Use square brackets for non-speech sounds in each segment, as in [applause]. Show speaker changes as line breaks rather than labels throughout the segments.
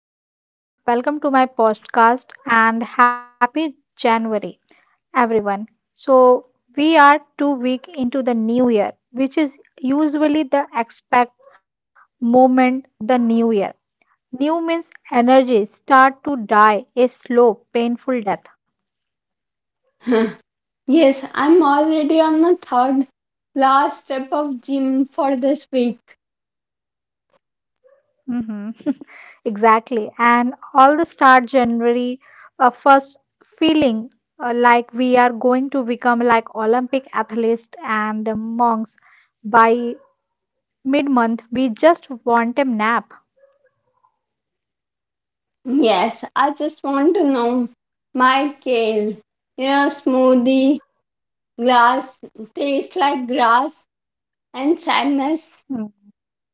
So, hello everyone, welcome to my podcast and happy January, everyone. So, we are 2 weeks into the new year, which is usually the expect moment the new year. New means energy start to die a slow, painful death.
[laughs] Yes, I'm already on my third last step of gym for this week.
Mhm. [laughs] Exactly. And all the start January first feeling like we are going to become like Olympic athletes and monks by mid month, we just want a nap.
Yes, I just want to know my kale, smoothie, glass, tastes like grass and sadness.
Hmm.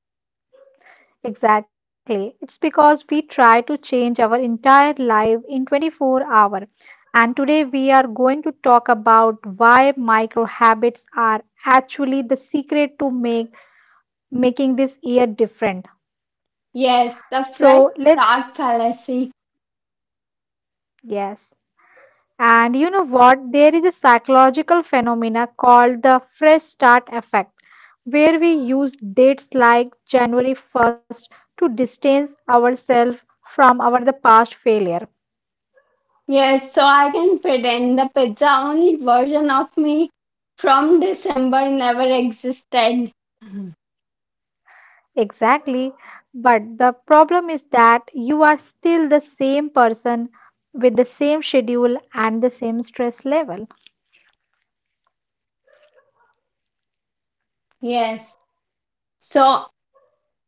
Exactly. It's because we try to change our entire life in 24 hours. And today we are going to talk about why micro habits are actually the secret to make making this year different.
Yes, the fresh
So let's
start fallacy.
Yes. And you know what? There is a psychological phenomena called the fresh start effect, where we use dates like January 1st to distance ourselves from our the past failure.
Yes, so I can pretend the pizza only version of me from December never existed. [laughs]
Exactly. But the problem is that you are still the same person with the same schedule and the same stress level.
Yes. So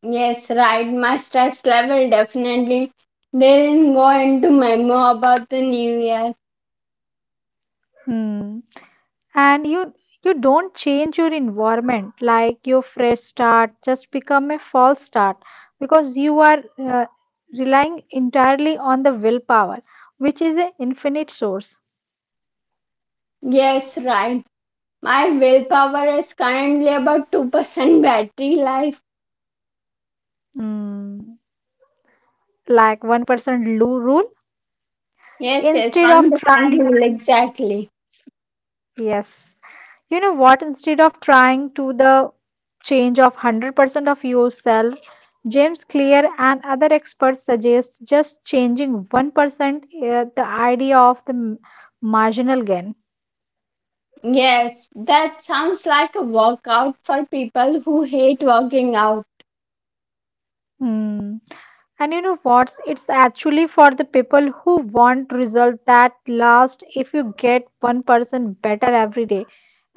Yes, right. My stress level definitely didn't go into memo about the new year.
Hmm. And you don't change your environment like your fresh start just become a false start because you are relying entirely on the willpower, which is an infinite source.
Yes, right. My willpower is currently about 2% battery life.
Hmm, like one person rule
Yes, yes,
instead of
1%
trying.
rule, exactly.
Yes. You know what? Instead of trying to the change of 100% of yourself, James Clear and other experts suggest just changing 1%, the idea of the marginal gain.
Yes, that sounds like a workout for people who hate working out.
Hmm. And you know what? It's actually for the people who want result that last if you get 1% better every day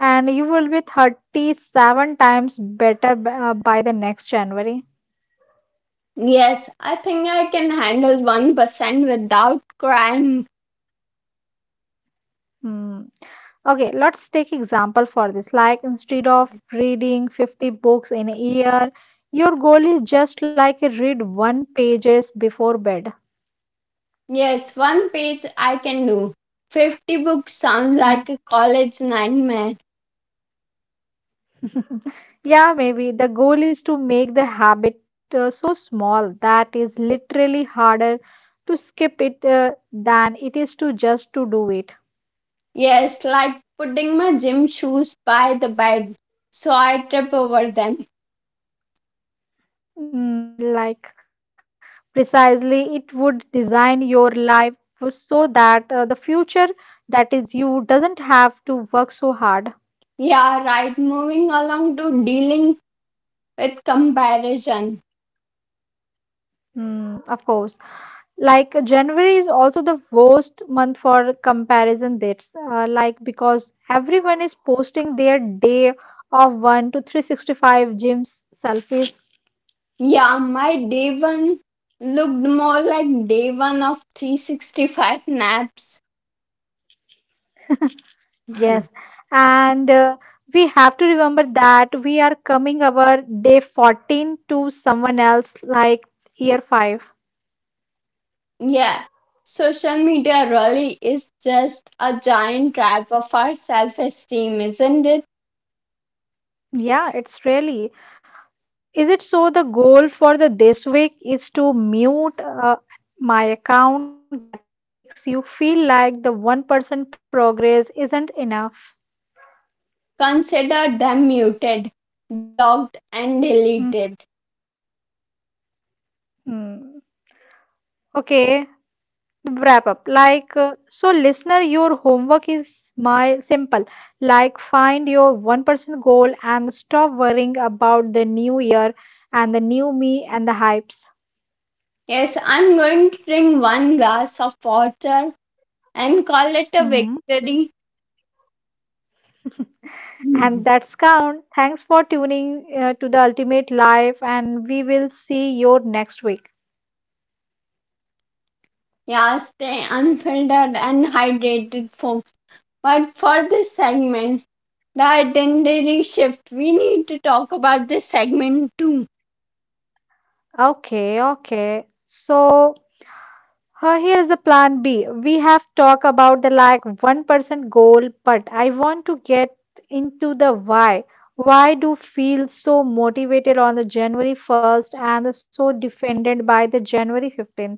and you will be 37 times better by the next January.
Yes, I think I can handle 1% without crying.
Hmm. Okay, let's take example for this. Like instead of reading 50 books in a year, your goal is just like a read one pages before bed.
Yes, one page I can do. 50 books sounds
Mm.
like a college nightmare.
[laughs] Yeah, maybe the goal is to make the habit so small that is literally harder to skip it than it is to just to do it.
Yes, like putting my gym shoes by the bed so I trip over them.
Mm, like precisely, it would design your life so that the future that is you doesn't have to work so hard.
Yeah, right, moving along to dealing with comparison.
Mm, of course. Like January is also the worst month for comparison dates. Like because everyone is posting their day of one to 365 gyms selfies.
Yeah, my day one looked more like day one of 365 naps.
Yes,
[laughs]
and we have to remember that we are coming our day 14 to someone else like year 5.
Yeah, social media really is just a giant trap of our self esteem, isn't it?
Yeah, it's really. Is it so the goal for the this week is to mute my account that makes you feel like the 1% progress isn't enough?
Consider them muted, blocked, and
Hmm.
deleted.
Hmm. Okay. Wrap up like so listener your homework is my simple like find your 1% goal and stop worrying about the new year and the new me and the hypes.
Yes, I'm going to drink one glass of water and call it a
Hmm.
victory.
[laughs] And
[laughs]
that's count thanks for tuning to the ultimate life and we will see you next week.
Yeah, stay unfiltered and hydrated, folks. But for this segment, the itinerary shift, we need to talk about this segment too.
Okay, okay, so here's the plan B. We have talked about the like 1% goal, but I want to get into the why. Why do feel so motivated on the January 1st and so defended by the January 15th?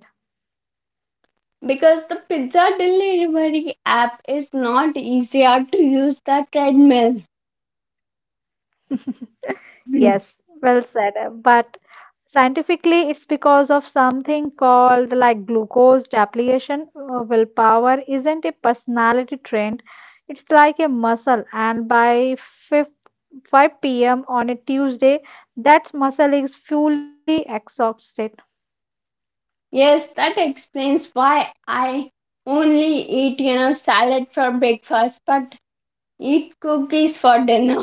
Because the pizza delivery app is not easier to use the treadmill.
[laughs] Yes,
[laughs]
well said. But scientifically, it's because of something called like glucose depletion. Willpower isn't a personality trait. It's like a muscle, and by 5 p.m. on a Tuesday, that muscle is fully exhausted.
Yes, that explains why I only eat, salad for breakfast but eat cookies for dinner.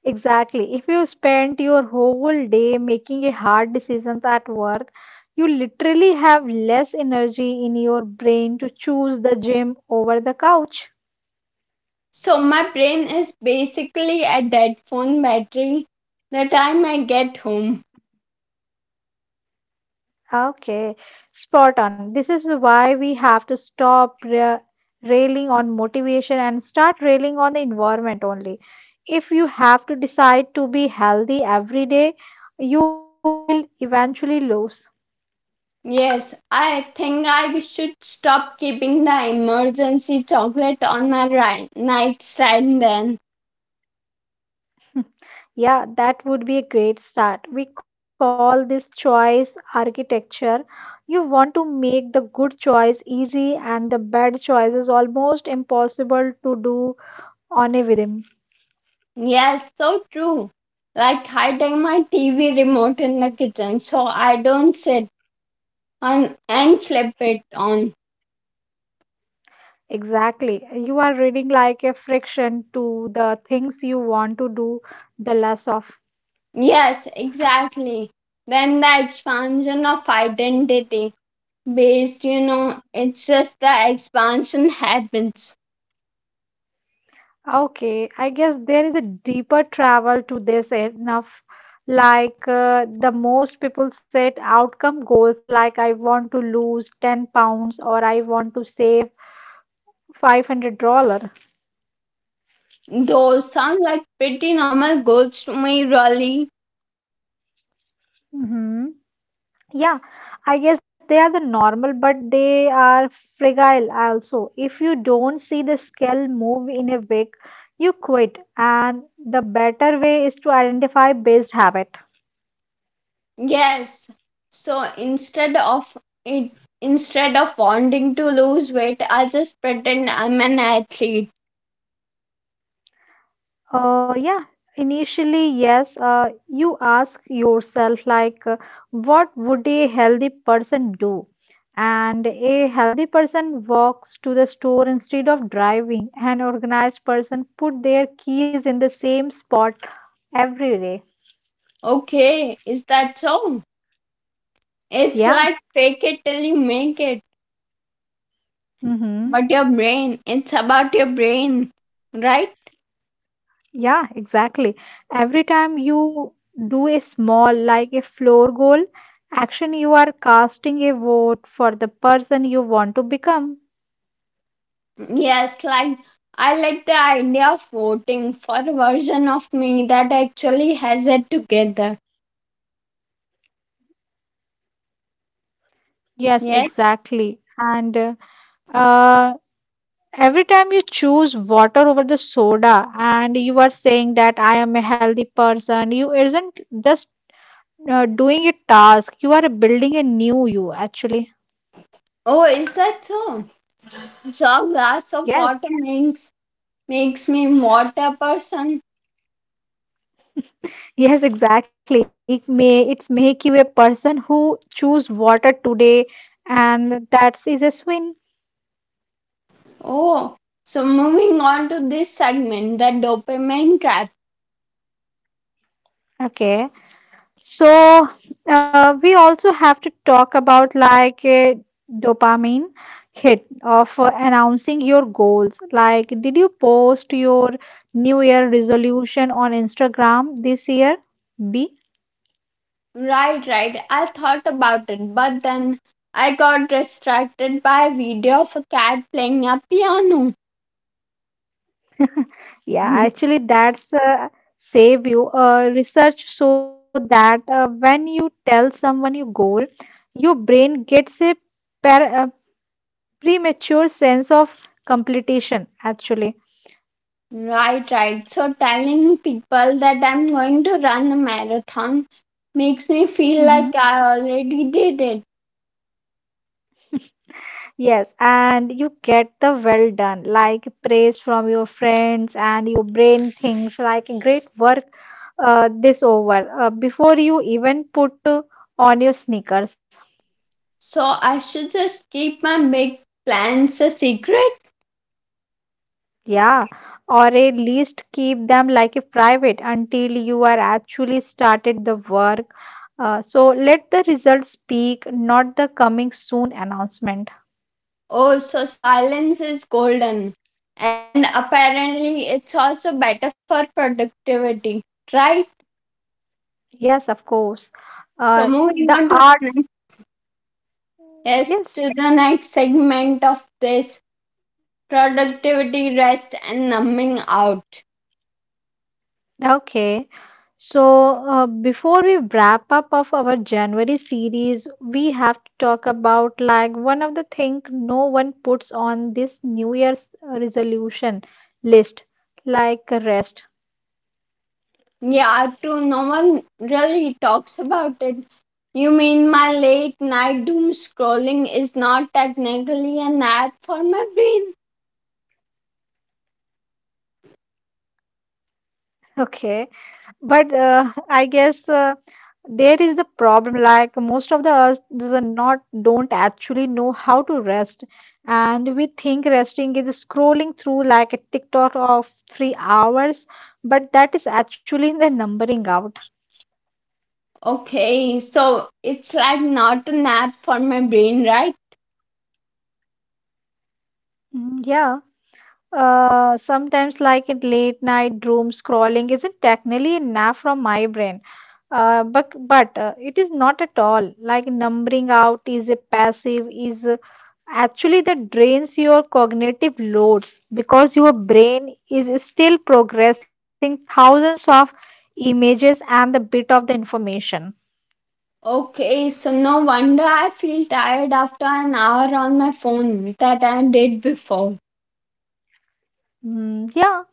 Exactly. If you spend your whole day making a hard decisions at work, you literally have less energy in your brain to choose the gym over the couch.
So my brain is basically a dead phone battery the time I get home.
Okay, spot on. This is why we have to stop railing on motivation and start railing on the environment only. If you have to decide to be healthy every day, you will eventually lose.
Yes, I think I should stop keeping the emergency chocolate on my nightstand then.
[laughs] Yeah, that would be a great start. We call this choice architecture. You want to make the good choice easy and the bad choices almost impossible to do on a whim.
Yes, so true. Like hiding my TV remote in the kitchen so I don't sit on and flip it on.
Exactly. You are reading like a friction to the things you want to do, the less of.
Yes, exactly. Then the expansion of identity based, it's just the expansion happens.
Okay, I guess there is a deeper travel to this enough. Like the most people set outcome goals, like I want to lose 10 pounds or I want to save $500. Dollars
Those sound like pretty normal goals to me, really.
Mm-hmm. Yeah, I guess they are the normal, but they are fragile also. If you don't see the scale move in a week, you quit. And the better way is to identify based habit.
Yes. So it, instead of wanting to lose weight, I just pretend I'm an athlete.
Yeah, initially, yes, you ask yourself, like, what would a healthy person do? And a healthy person walks to the store instead of driving. An organized person put their keys in the same spot every day.
Okay, is that so? It's
Yeah.
like fake it till you make it.
Mm-hmm.
But your brain, it's about your brain, right?
Yeah, exactly. Every time you do a small, like a floor goal action, you are casting a vote for the person you want to become.
Yes, like I like the idea of voting for a version of me that actually has it together.
Yes,
Yes.
exactly. And uh, every time you choose water over the soda, and you are saying that I am a healthy person, you isn't just doing a task, you are building a new you, actually.
Oh, is that so? So a glass of
Yes.
water makes makes me water person.
Yes, exactly. It may it's make you a person who choose water today, and that is a swing.
Oh, so moving on to this segment, the dopamine trap.
Okay, so we also have to talk about like a dopamine hit of announcing your goals. Like, did you post your New Year resolution on Instagram this year? B.
Right, right. I thought about it, but then I got distracted by a video of a cat playing a piano.
Yeah,
[laughs]
actually, that's save you. Research show that when you tell someone your goal, your brain gets a per premature sense of completion, actually.
Right, right. So telling people that I'm going to run a marathon makes me feel
Hmm.
like I already did it.
Yes, and you get the well done, like praise from your friends, and your brain thinks like great work this over before you even put on your sneakers.
So I should just keep my big plans a secret.
Yeah, or at least keep them like a private until you are actually started the work. So let the results speak, not the coming soon announcement.
Oh, so silence is golden. And apparently, it's also better for productivity, right?
Yes, of course.
So
Uh,
moving
the
on to the
art,
next, yes,
yes,
to the next segment of this productivity, rest, and numbing out.
okay. So before we wrap up of our January series, we have to talk about like one of the thing no one puts on this New Year's resolution list, like rest.
Yeah, true. No one really talks about it. You mean my late night doom scrolling is not technically a nap for my brain?
Okay. But [laughs] I guess there is the problem. Like most of the us does not don't actually know how to rest, and we think resting is scrolling through like a TikTok of 3 hours, but that is actually the numbering out.
Okay, so it's like not a nap for my brain, right?
Mm, yeah. Sometimes like in late night doom scrolling isn't technically a nap from my brain. But it is not at all like numbering out is a passive is actually that drains your cognitive loads because your brain is still progressing thousands of images and the bit of the information.
Okay, so no wonder I feel tired after an hour on my phone that I did before.
Mm, yeah,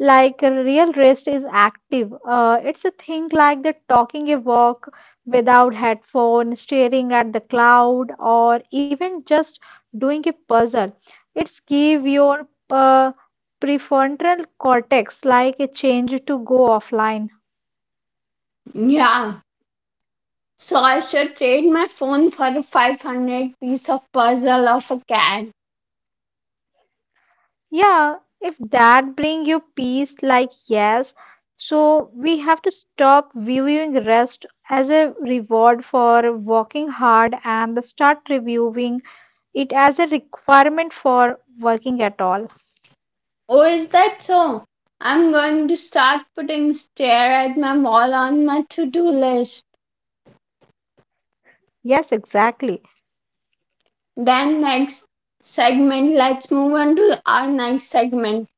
like a real rest is active. It's a thing like the talking a walk without headphone, staring at the cloud, or even just doing a puzzle. It's give your prefrontal cortex like a change to go offline.
Yeah, so I should trade my phone for a 500 piece of puzzle of a cat.
Yeah, if that bring you peace, like yes. So we have to stop viewing rest as a reward for working hard and start reviewing it as a requirement for working at all.
Oh, is that so? I'm going to start putting stare at my wall on my to do list.
Yes, exactly.
Then, next segment, let's move on to our next segment.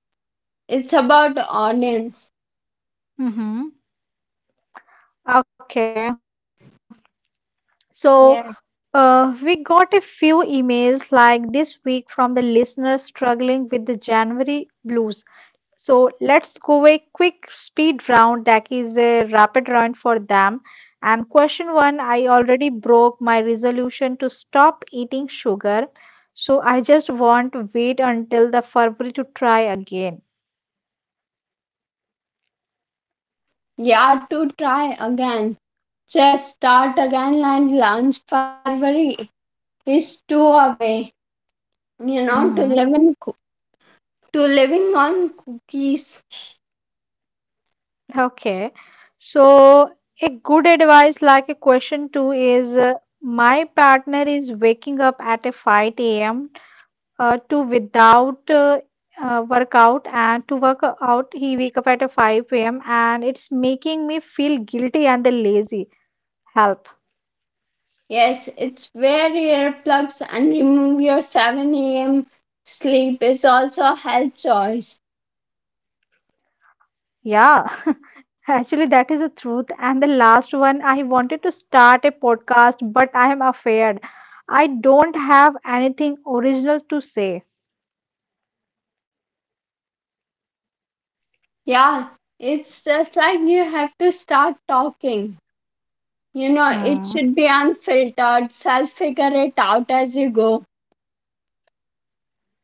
It's about audience.
Mm-hmm. Okay. So
Yeah.
we got a few emails like this week from the listeners struggling with the January blues. So let's go a quick speed round that is a rapid round for them. And question one, I already broke my resolution to stop eating sugar. So I just want to wait until the February to try again.
Yeah, to try again. Just start again and launch February is two away. You know, to
Mm-hmm.
living, to living on cookies.
Okay. So, a good advice, like a question two, is my partner is waking up at a 5 a.m. To without workout and to work out, he wake up at a 5 a.m. and it's making me feel guilty and the lazy. Help.
Yes, it's wear earplugs and remove your 7 a.m. sleep is also a health choice.
Yeah. [laughs] Actually, that is the truth. And the last one, I wanted to start a podcast, but I am afraid I don't have anything original to say.
Yeah, it's just like you have to start talking. It
Hmm.
should be unfiltered, self figure it out as you go.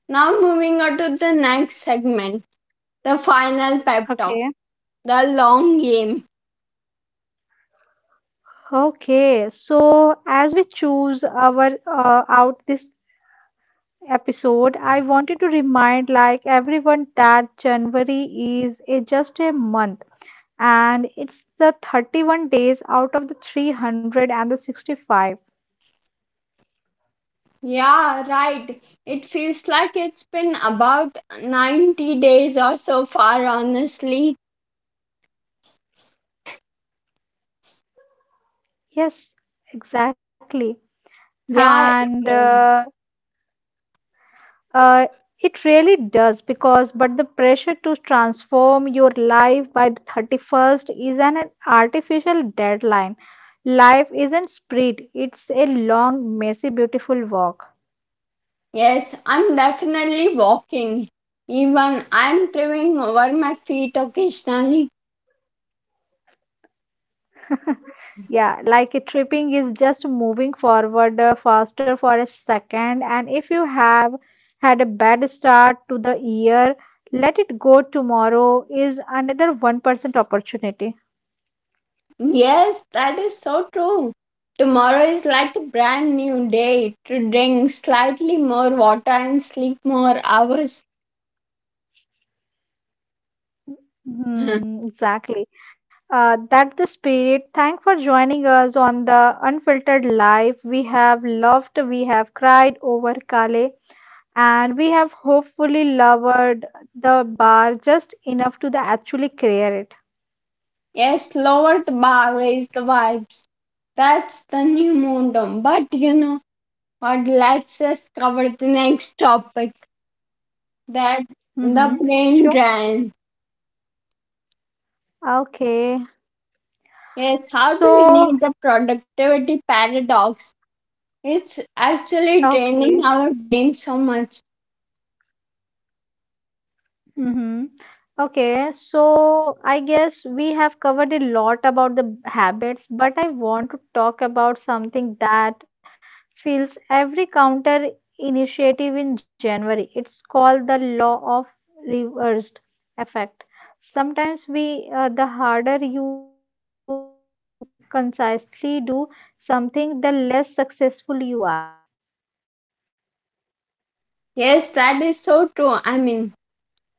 Now, moving on to the next segment the final pep talk,
Okay.
the long game.
Okay. So as we choose our out this episode, I wanted to remind like everyone that January is a, just a month and it's the 31 days out of the 365.
Yeah, right. It feels like it's been about 90 days or so far, honestly.
Yes, exactly.
Yeah,
And
it
Uh, it really does because, but the pressure to transform your life by the 31st is an, artificial deadline. Life isn't sprint, it's a long, messy, beautiful walk.
Yes, I'm definitely walking. Even I'm tripping over my feet occasionally.
[laughs] Yeah, like a tripping is just moving forward faster for a second, and if you have had a bad start to the year, let it go tomorrow is another 1% opportunity.
Yes, that is so true. Tomorrow is like a brand new day to drink slightly more water and sleep more hours. [laughs]
Hmm, exactly. That's the spirit. Thank for joining us on the Unfiltered Life. We have loved, we have cried over Kale, and we have hopefully lowered the bar just enough to the actually clear it.
Yes, lower the bar, raise the vibes. That's the new momentum. But you know what? Let's just cover the next topic that
Mm-hmm.
the
Sure.
brain drain.
Okay.
Yes, how do we
So,
need the productivity paradox? It's actually
okay.
draining our brain so much.
Mm-hmm. Okay, so I guess we have covered a lot about the habits, but I want to talk about something that fills every counter initiative in January. It's called the law of reversed effect. Sometimes the harder you try to unconcisely do something, the less successful you are.
Yes, that is so true. I mean,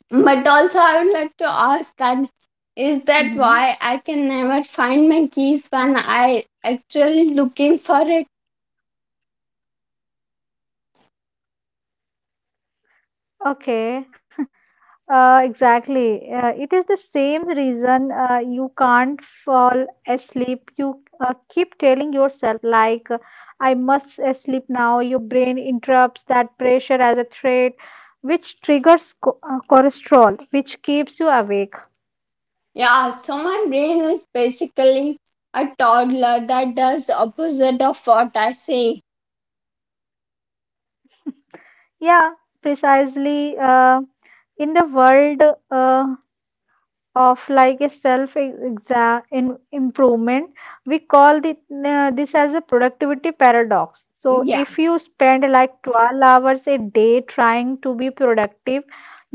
but also I would like to ask that
Mm-hmm.
is that why I can never find my keys when I actually looking for it?
Okay. Exactly. It is the same reason you can't fall asleep. You keep telling yourself, I must sleep now. Your brain interrupts that pressure as a threat, which triggers co cholesterol, which keeps you awake.
Yeah, so my brain is basically a toddler that does opposite of what I say.
Yeah, precisely. In the world, uh, of like a self exam in improvement we call this as a productivity paradox. So if you spend like 12 hours a day trying to be productive,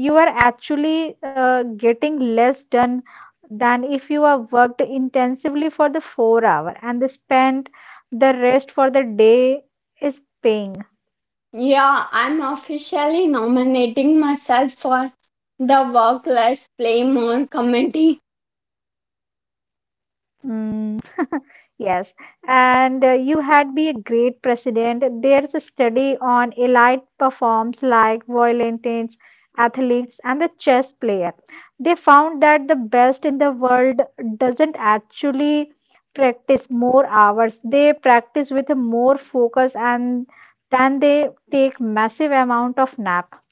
you are actually getting less done than if you have worked intensively for the 4 hour and the spend the rest for the day is paying.
Yeah, I'm officially nominating myself for the Work Less Play More committee.
Mm, [laughs] yes, and you had be a great president. There's a study on elite performs like violinists, athletes, and the chess player. They found that the best in the world doesn't actually practice more hours. They practice with a more focus and then they take massive amount of nap.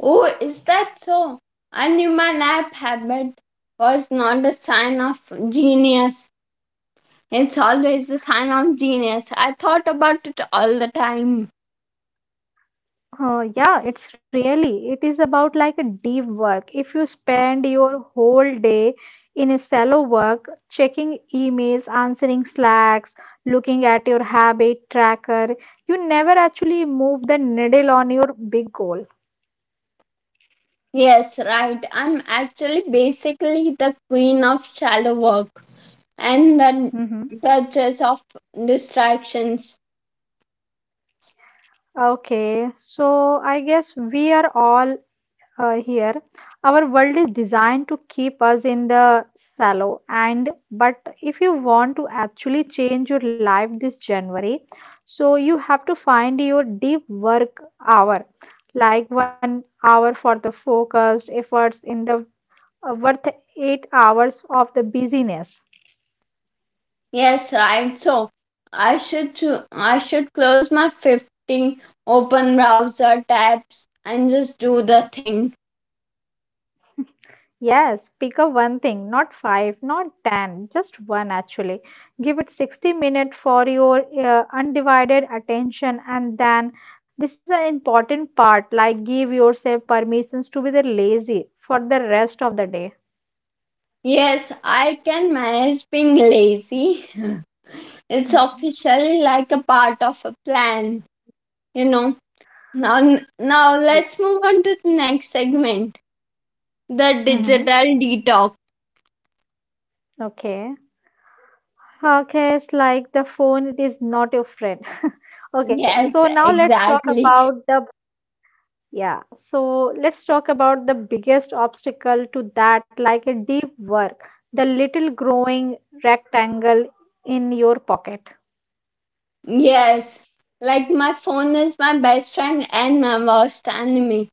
Oh, is that so? I knew my nap habit was not a sign of genius. It's always a sign of genius. I thought about it all the time.
Yeah, it's really, it is about like a deep work. If you spend your whole day in a shallow work, checking emails, answering slacks, looking at your habit tracker, you never actually move the needle on your big goal.
Yes, right. I'm actually basically the queen of shallow work and the
Hmm.
duchess of distractions.
Okay, so I guess we are all here our world is designed to keep us in the shallow and but if you want to actually change your life this january so you have to find your deep work hour, like 1 hour for the focused efforts in the worth 8 hours of the busyness.
Yes, right. I should close my 15 open browser tabs and just do the thing.
Yes, pick up one thing, not five, not ten, just one actually. Give it 60 minutes for your undivided attention, and then this is an important part, like give yourself permissions to be the lazy for the rest of the day.
Yes, I can manage being lazy. [laughs] It's
Mhm.
officially like a part of a plan, you know. Now now
Yeah.
let's move on to the next segment, the
Hmm.
digital detox.
Okay. Okay, it's like the phone, it is not your friend. [laughs] Okay, so
Yes,
now let's talk
exactly.
about the... Yeah, so let's talk about the biggest obstacle to that, like a deep work, the little growing rectangle in your pocket.
Yes. Like my phone is my best friend and my worst enemy.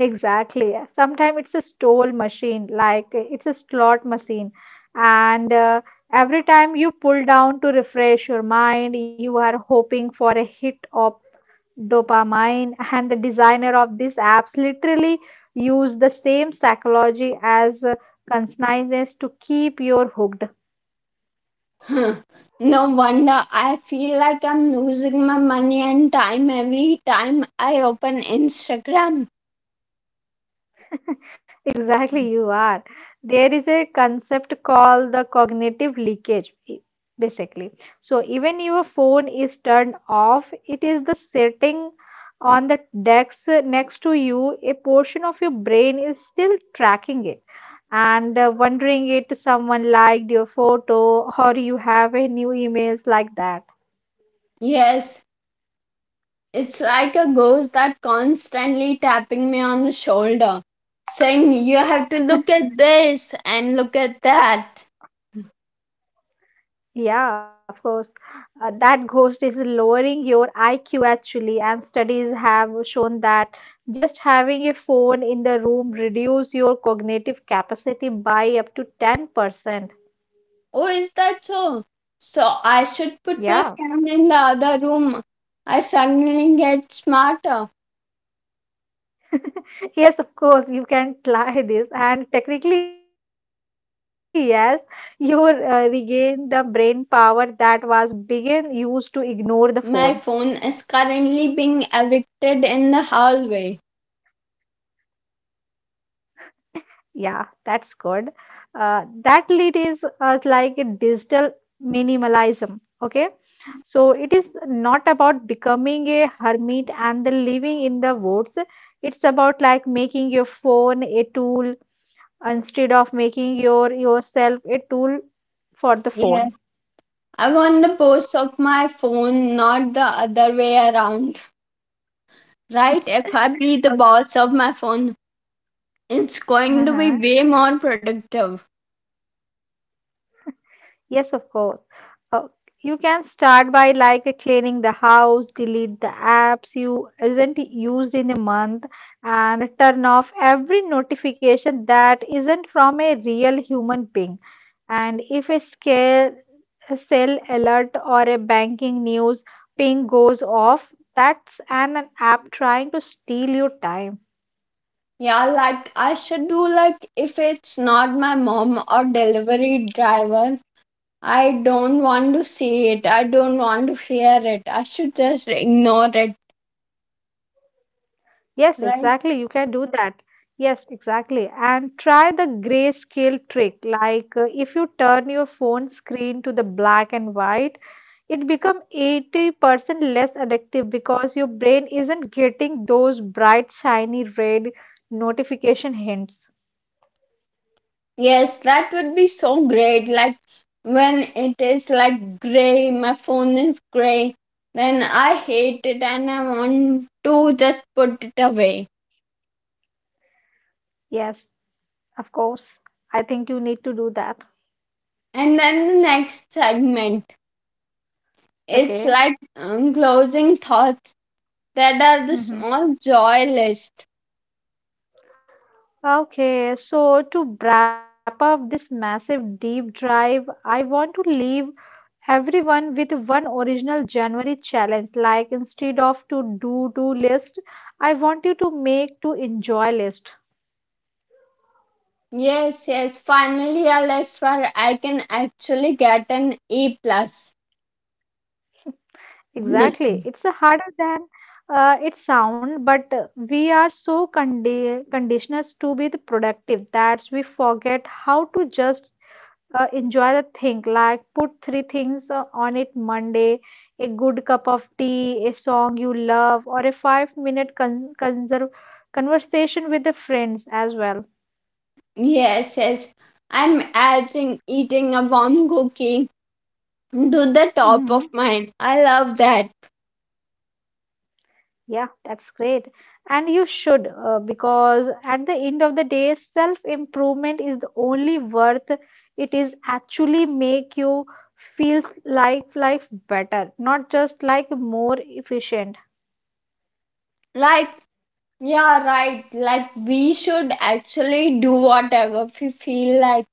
Exactly. Sometimes it's a stole machine, like it's a slot machine. And Every time you pull down to refresh your mind, you are hoping for a hit of dopamine. And the designer of these apps literally use the same psychology as consciousness to keep you hooked.
Huh. No wonder I feel like I'm losing my money and time every time I open Instagram.
[laughs] Exactly, you are. There is a concept called the cognitive leakage, basically. So, even your phone is turned off, it is the sitting on the desk next to you, a portion of your brain is still tracking it and wondering it someone liked your photo or you have a new emails like that.
Yes, it's like a ghost that constantly tapping me on the shoulder, saying, "You have to look at this and look at that."
Yeah, of course. That ghost is lowering your IQ actually, and studies have shown that just having a phone in the room reduce your cognitive capacity by up to 10%.
Oh, is that so? So I should put my
Yeah.
phone in the other room. I suddenly get smarter.
Yes, of course, you can try this. And technically, yes, you will, regain the brain power that was being used to ignore the phone.
My phone is currently being evicted in the hallway.
Yeah, that's good. That lead is like a digital minimalism. Okay, so it is not about becoming a hermit and then living in the woods. It's about like making your phone a tool instead of making yourself a tool for the
Yes.
phone.
I'm on the boss of my phone, not the other way around. Right? If I be the boss of my phone, it's going to be
Uh-huh.
way more productive.
Yes, of course. Uh, you can start by like cleaning the house, delete the apps you isn't used in a month, and turn off every notification that isn't from a real human being. And if a scale, a sale alert or a banking news ping goes off, that's an app trying to steal your time.
Yeah, like I should do like if it's not my mom or delivery driver, I don't want to see it. I don't want to hear it. I should just ignore it.
Yes,
Right?
exactly. You can do that. Yes, exactly. And try the grayscale trick. If you turn your phone screen to the black and white, it become 80% less addictive because your brain isn't getting those bright, shiny red notification hints.
Yes, that would be so great. Like when it is like gray, my phone is gray, then I hate it and I want to just put it away.
Yes, of course. I think you need to do that.
And then the next segment, it's
Okay.
like closing thoughts that are the
Hmm.
small joy list.
Okay, so to wrap up this massive deep drive, I want to leave everyone with one original January challenge. Like instead of to do list, I want you to make to enjoy list.
Yes, yes, finally a list where I can actually get an E plus.
Exactly.
[laughs]
It's a harder than it sound, but we are so conditioned to be the productive that we forget how to just enjoy the thing, like put three things on it monday, a good cup of tea, a song you love, or a 5 minute conversation with the friends as well.
Yes, yes. I'm adding eating a warm cookie to the top of
Hmm.
mind. I love that.
Yeah, that's great. And you should, because at the end of the day self improvement is the only worth it is actually make you feel like life better, not just like more efficient.
Like, yeah, right. Like, we should actually do whatever we feel like.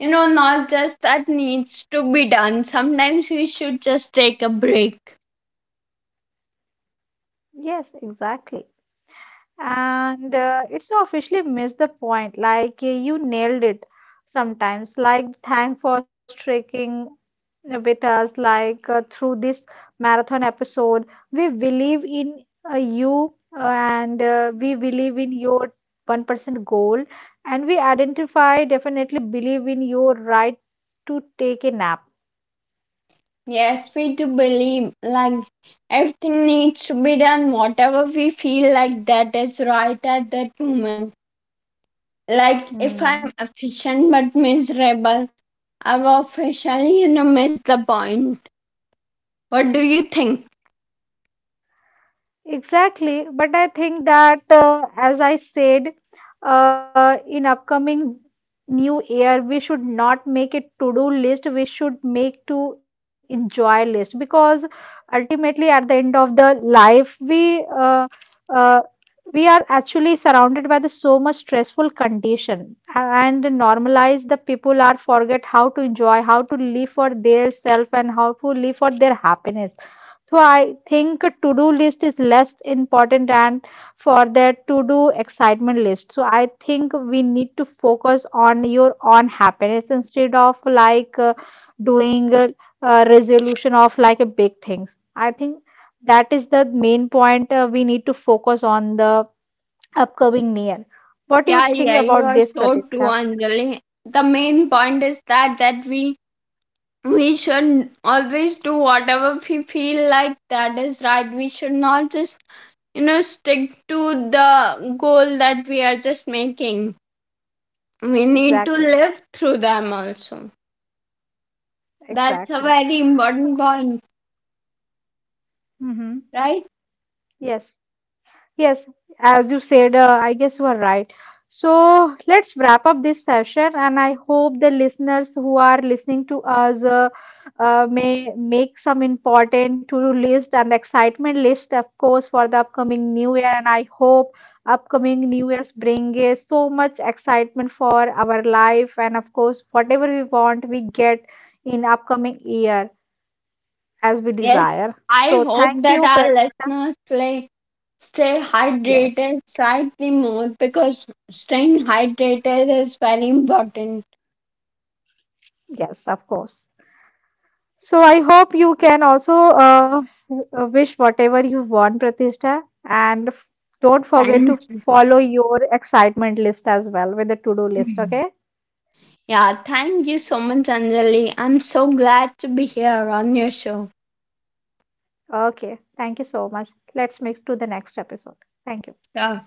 Not just that needs to be done. Sometimes we should just take a break.
Yes, exactly. And it's officially missed the point. You nailed it sometimes. Like thank for streaking with us. Through this marathon episode, we believe in you and we believe in your 1% goal. And we identify definitely believe in your right to take a nap.
Yes, we do believe like everything needs to be done, whatever we feel like that is right at that moment. Like, if I'm
Hmm.
efficient but miserable, I've officially, missed the point. What do you think?
Exactly, but I think that as I said, in upcoming new year, we should not make a to-do list. We should make to enjoy list because ultimately, at the end of the life, uh, we are actually surrounded by the so much stressful condition and normalize the people are forget how to enjoy, how to live for their self, and how to live for their happiness. So I think a to-do list is less important and for that to-do excitement list. So I think we need to focus on your own happiness instead of doing a resolution of like a big things. I think that is the main point we need to focus on the upcoming year. What do you
Yeah,
think
yeah, you
about
are
this,
so true,
Pratiksha?
Anjali. The main point is that we should always do whatever we feel like that is right. We should not just stick to the goal that we are just making. We need to
Exactly,
live through them also. That's a
exactly.
very important point,
Hmm.
right?
Yes. Yes, as you said, I guess you are right. So let's wrap up this session, and I hope the listeners who are listening to us may make some important to-do list and excitement list, of course, for the upcoming new year. And I hope upcoming new years bring so much excitement for our life, and of course, whatever we want, we get in upcoming year as we
Yes.
desire.
I
So
hope
thank
that
you,
our
Pratisha.
listeners play stay
Yes,
hydrated slightly more because staying hydrated is very important.
yes, of course. So I hope you can also wish whatever you want, Pratishtha, and don't forget to
Thank-
follow your excitement list as well with the to-do list.
Mm.
Okay.
Yeah, thank you so much, Anjali. I'm so glad to be here on your show.
Okay. Thank you so much. Let's move to the next episode. Thank you.
Yeah.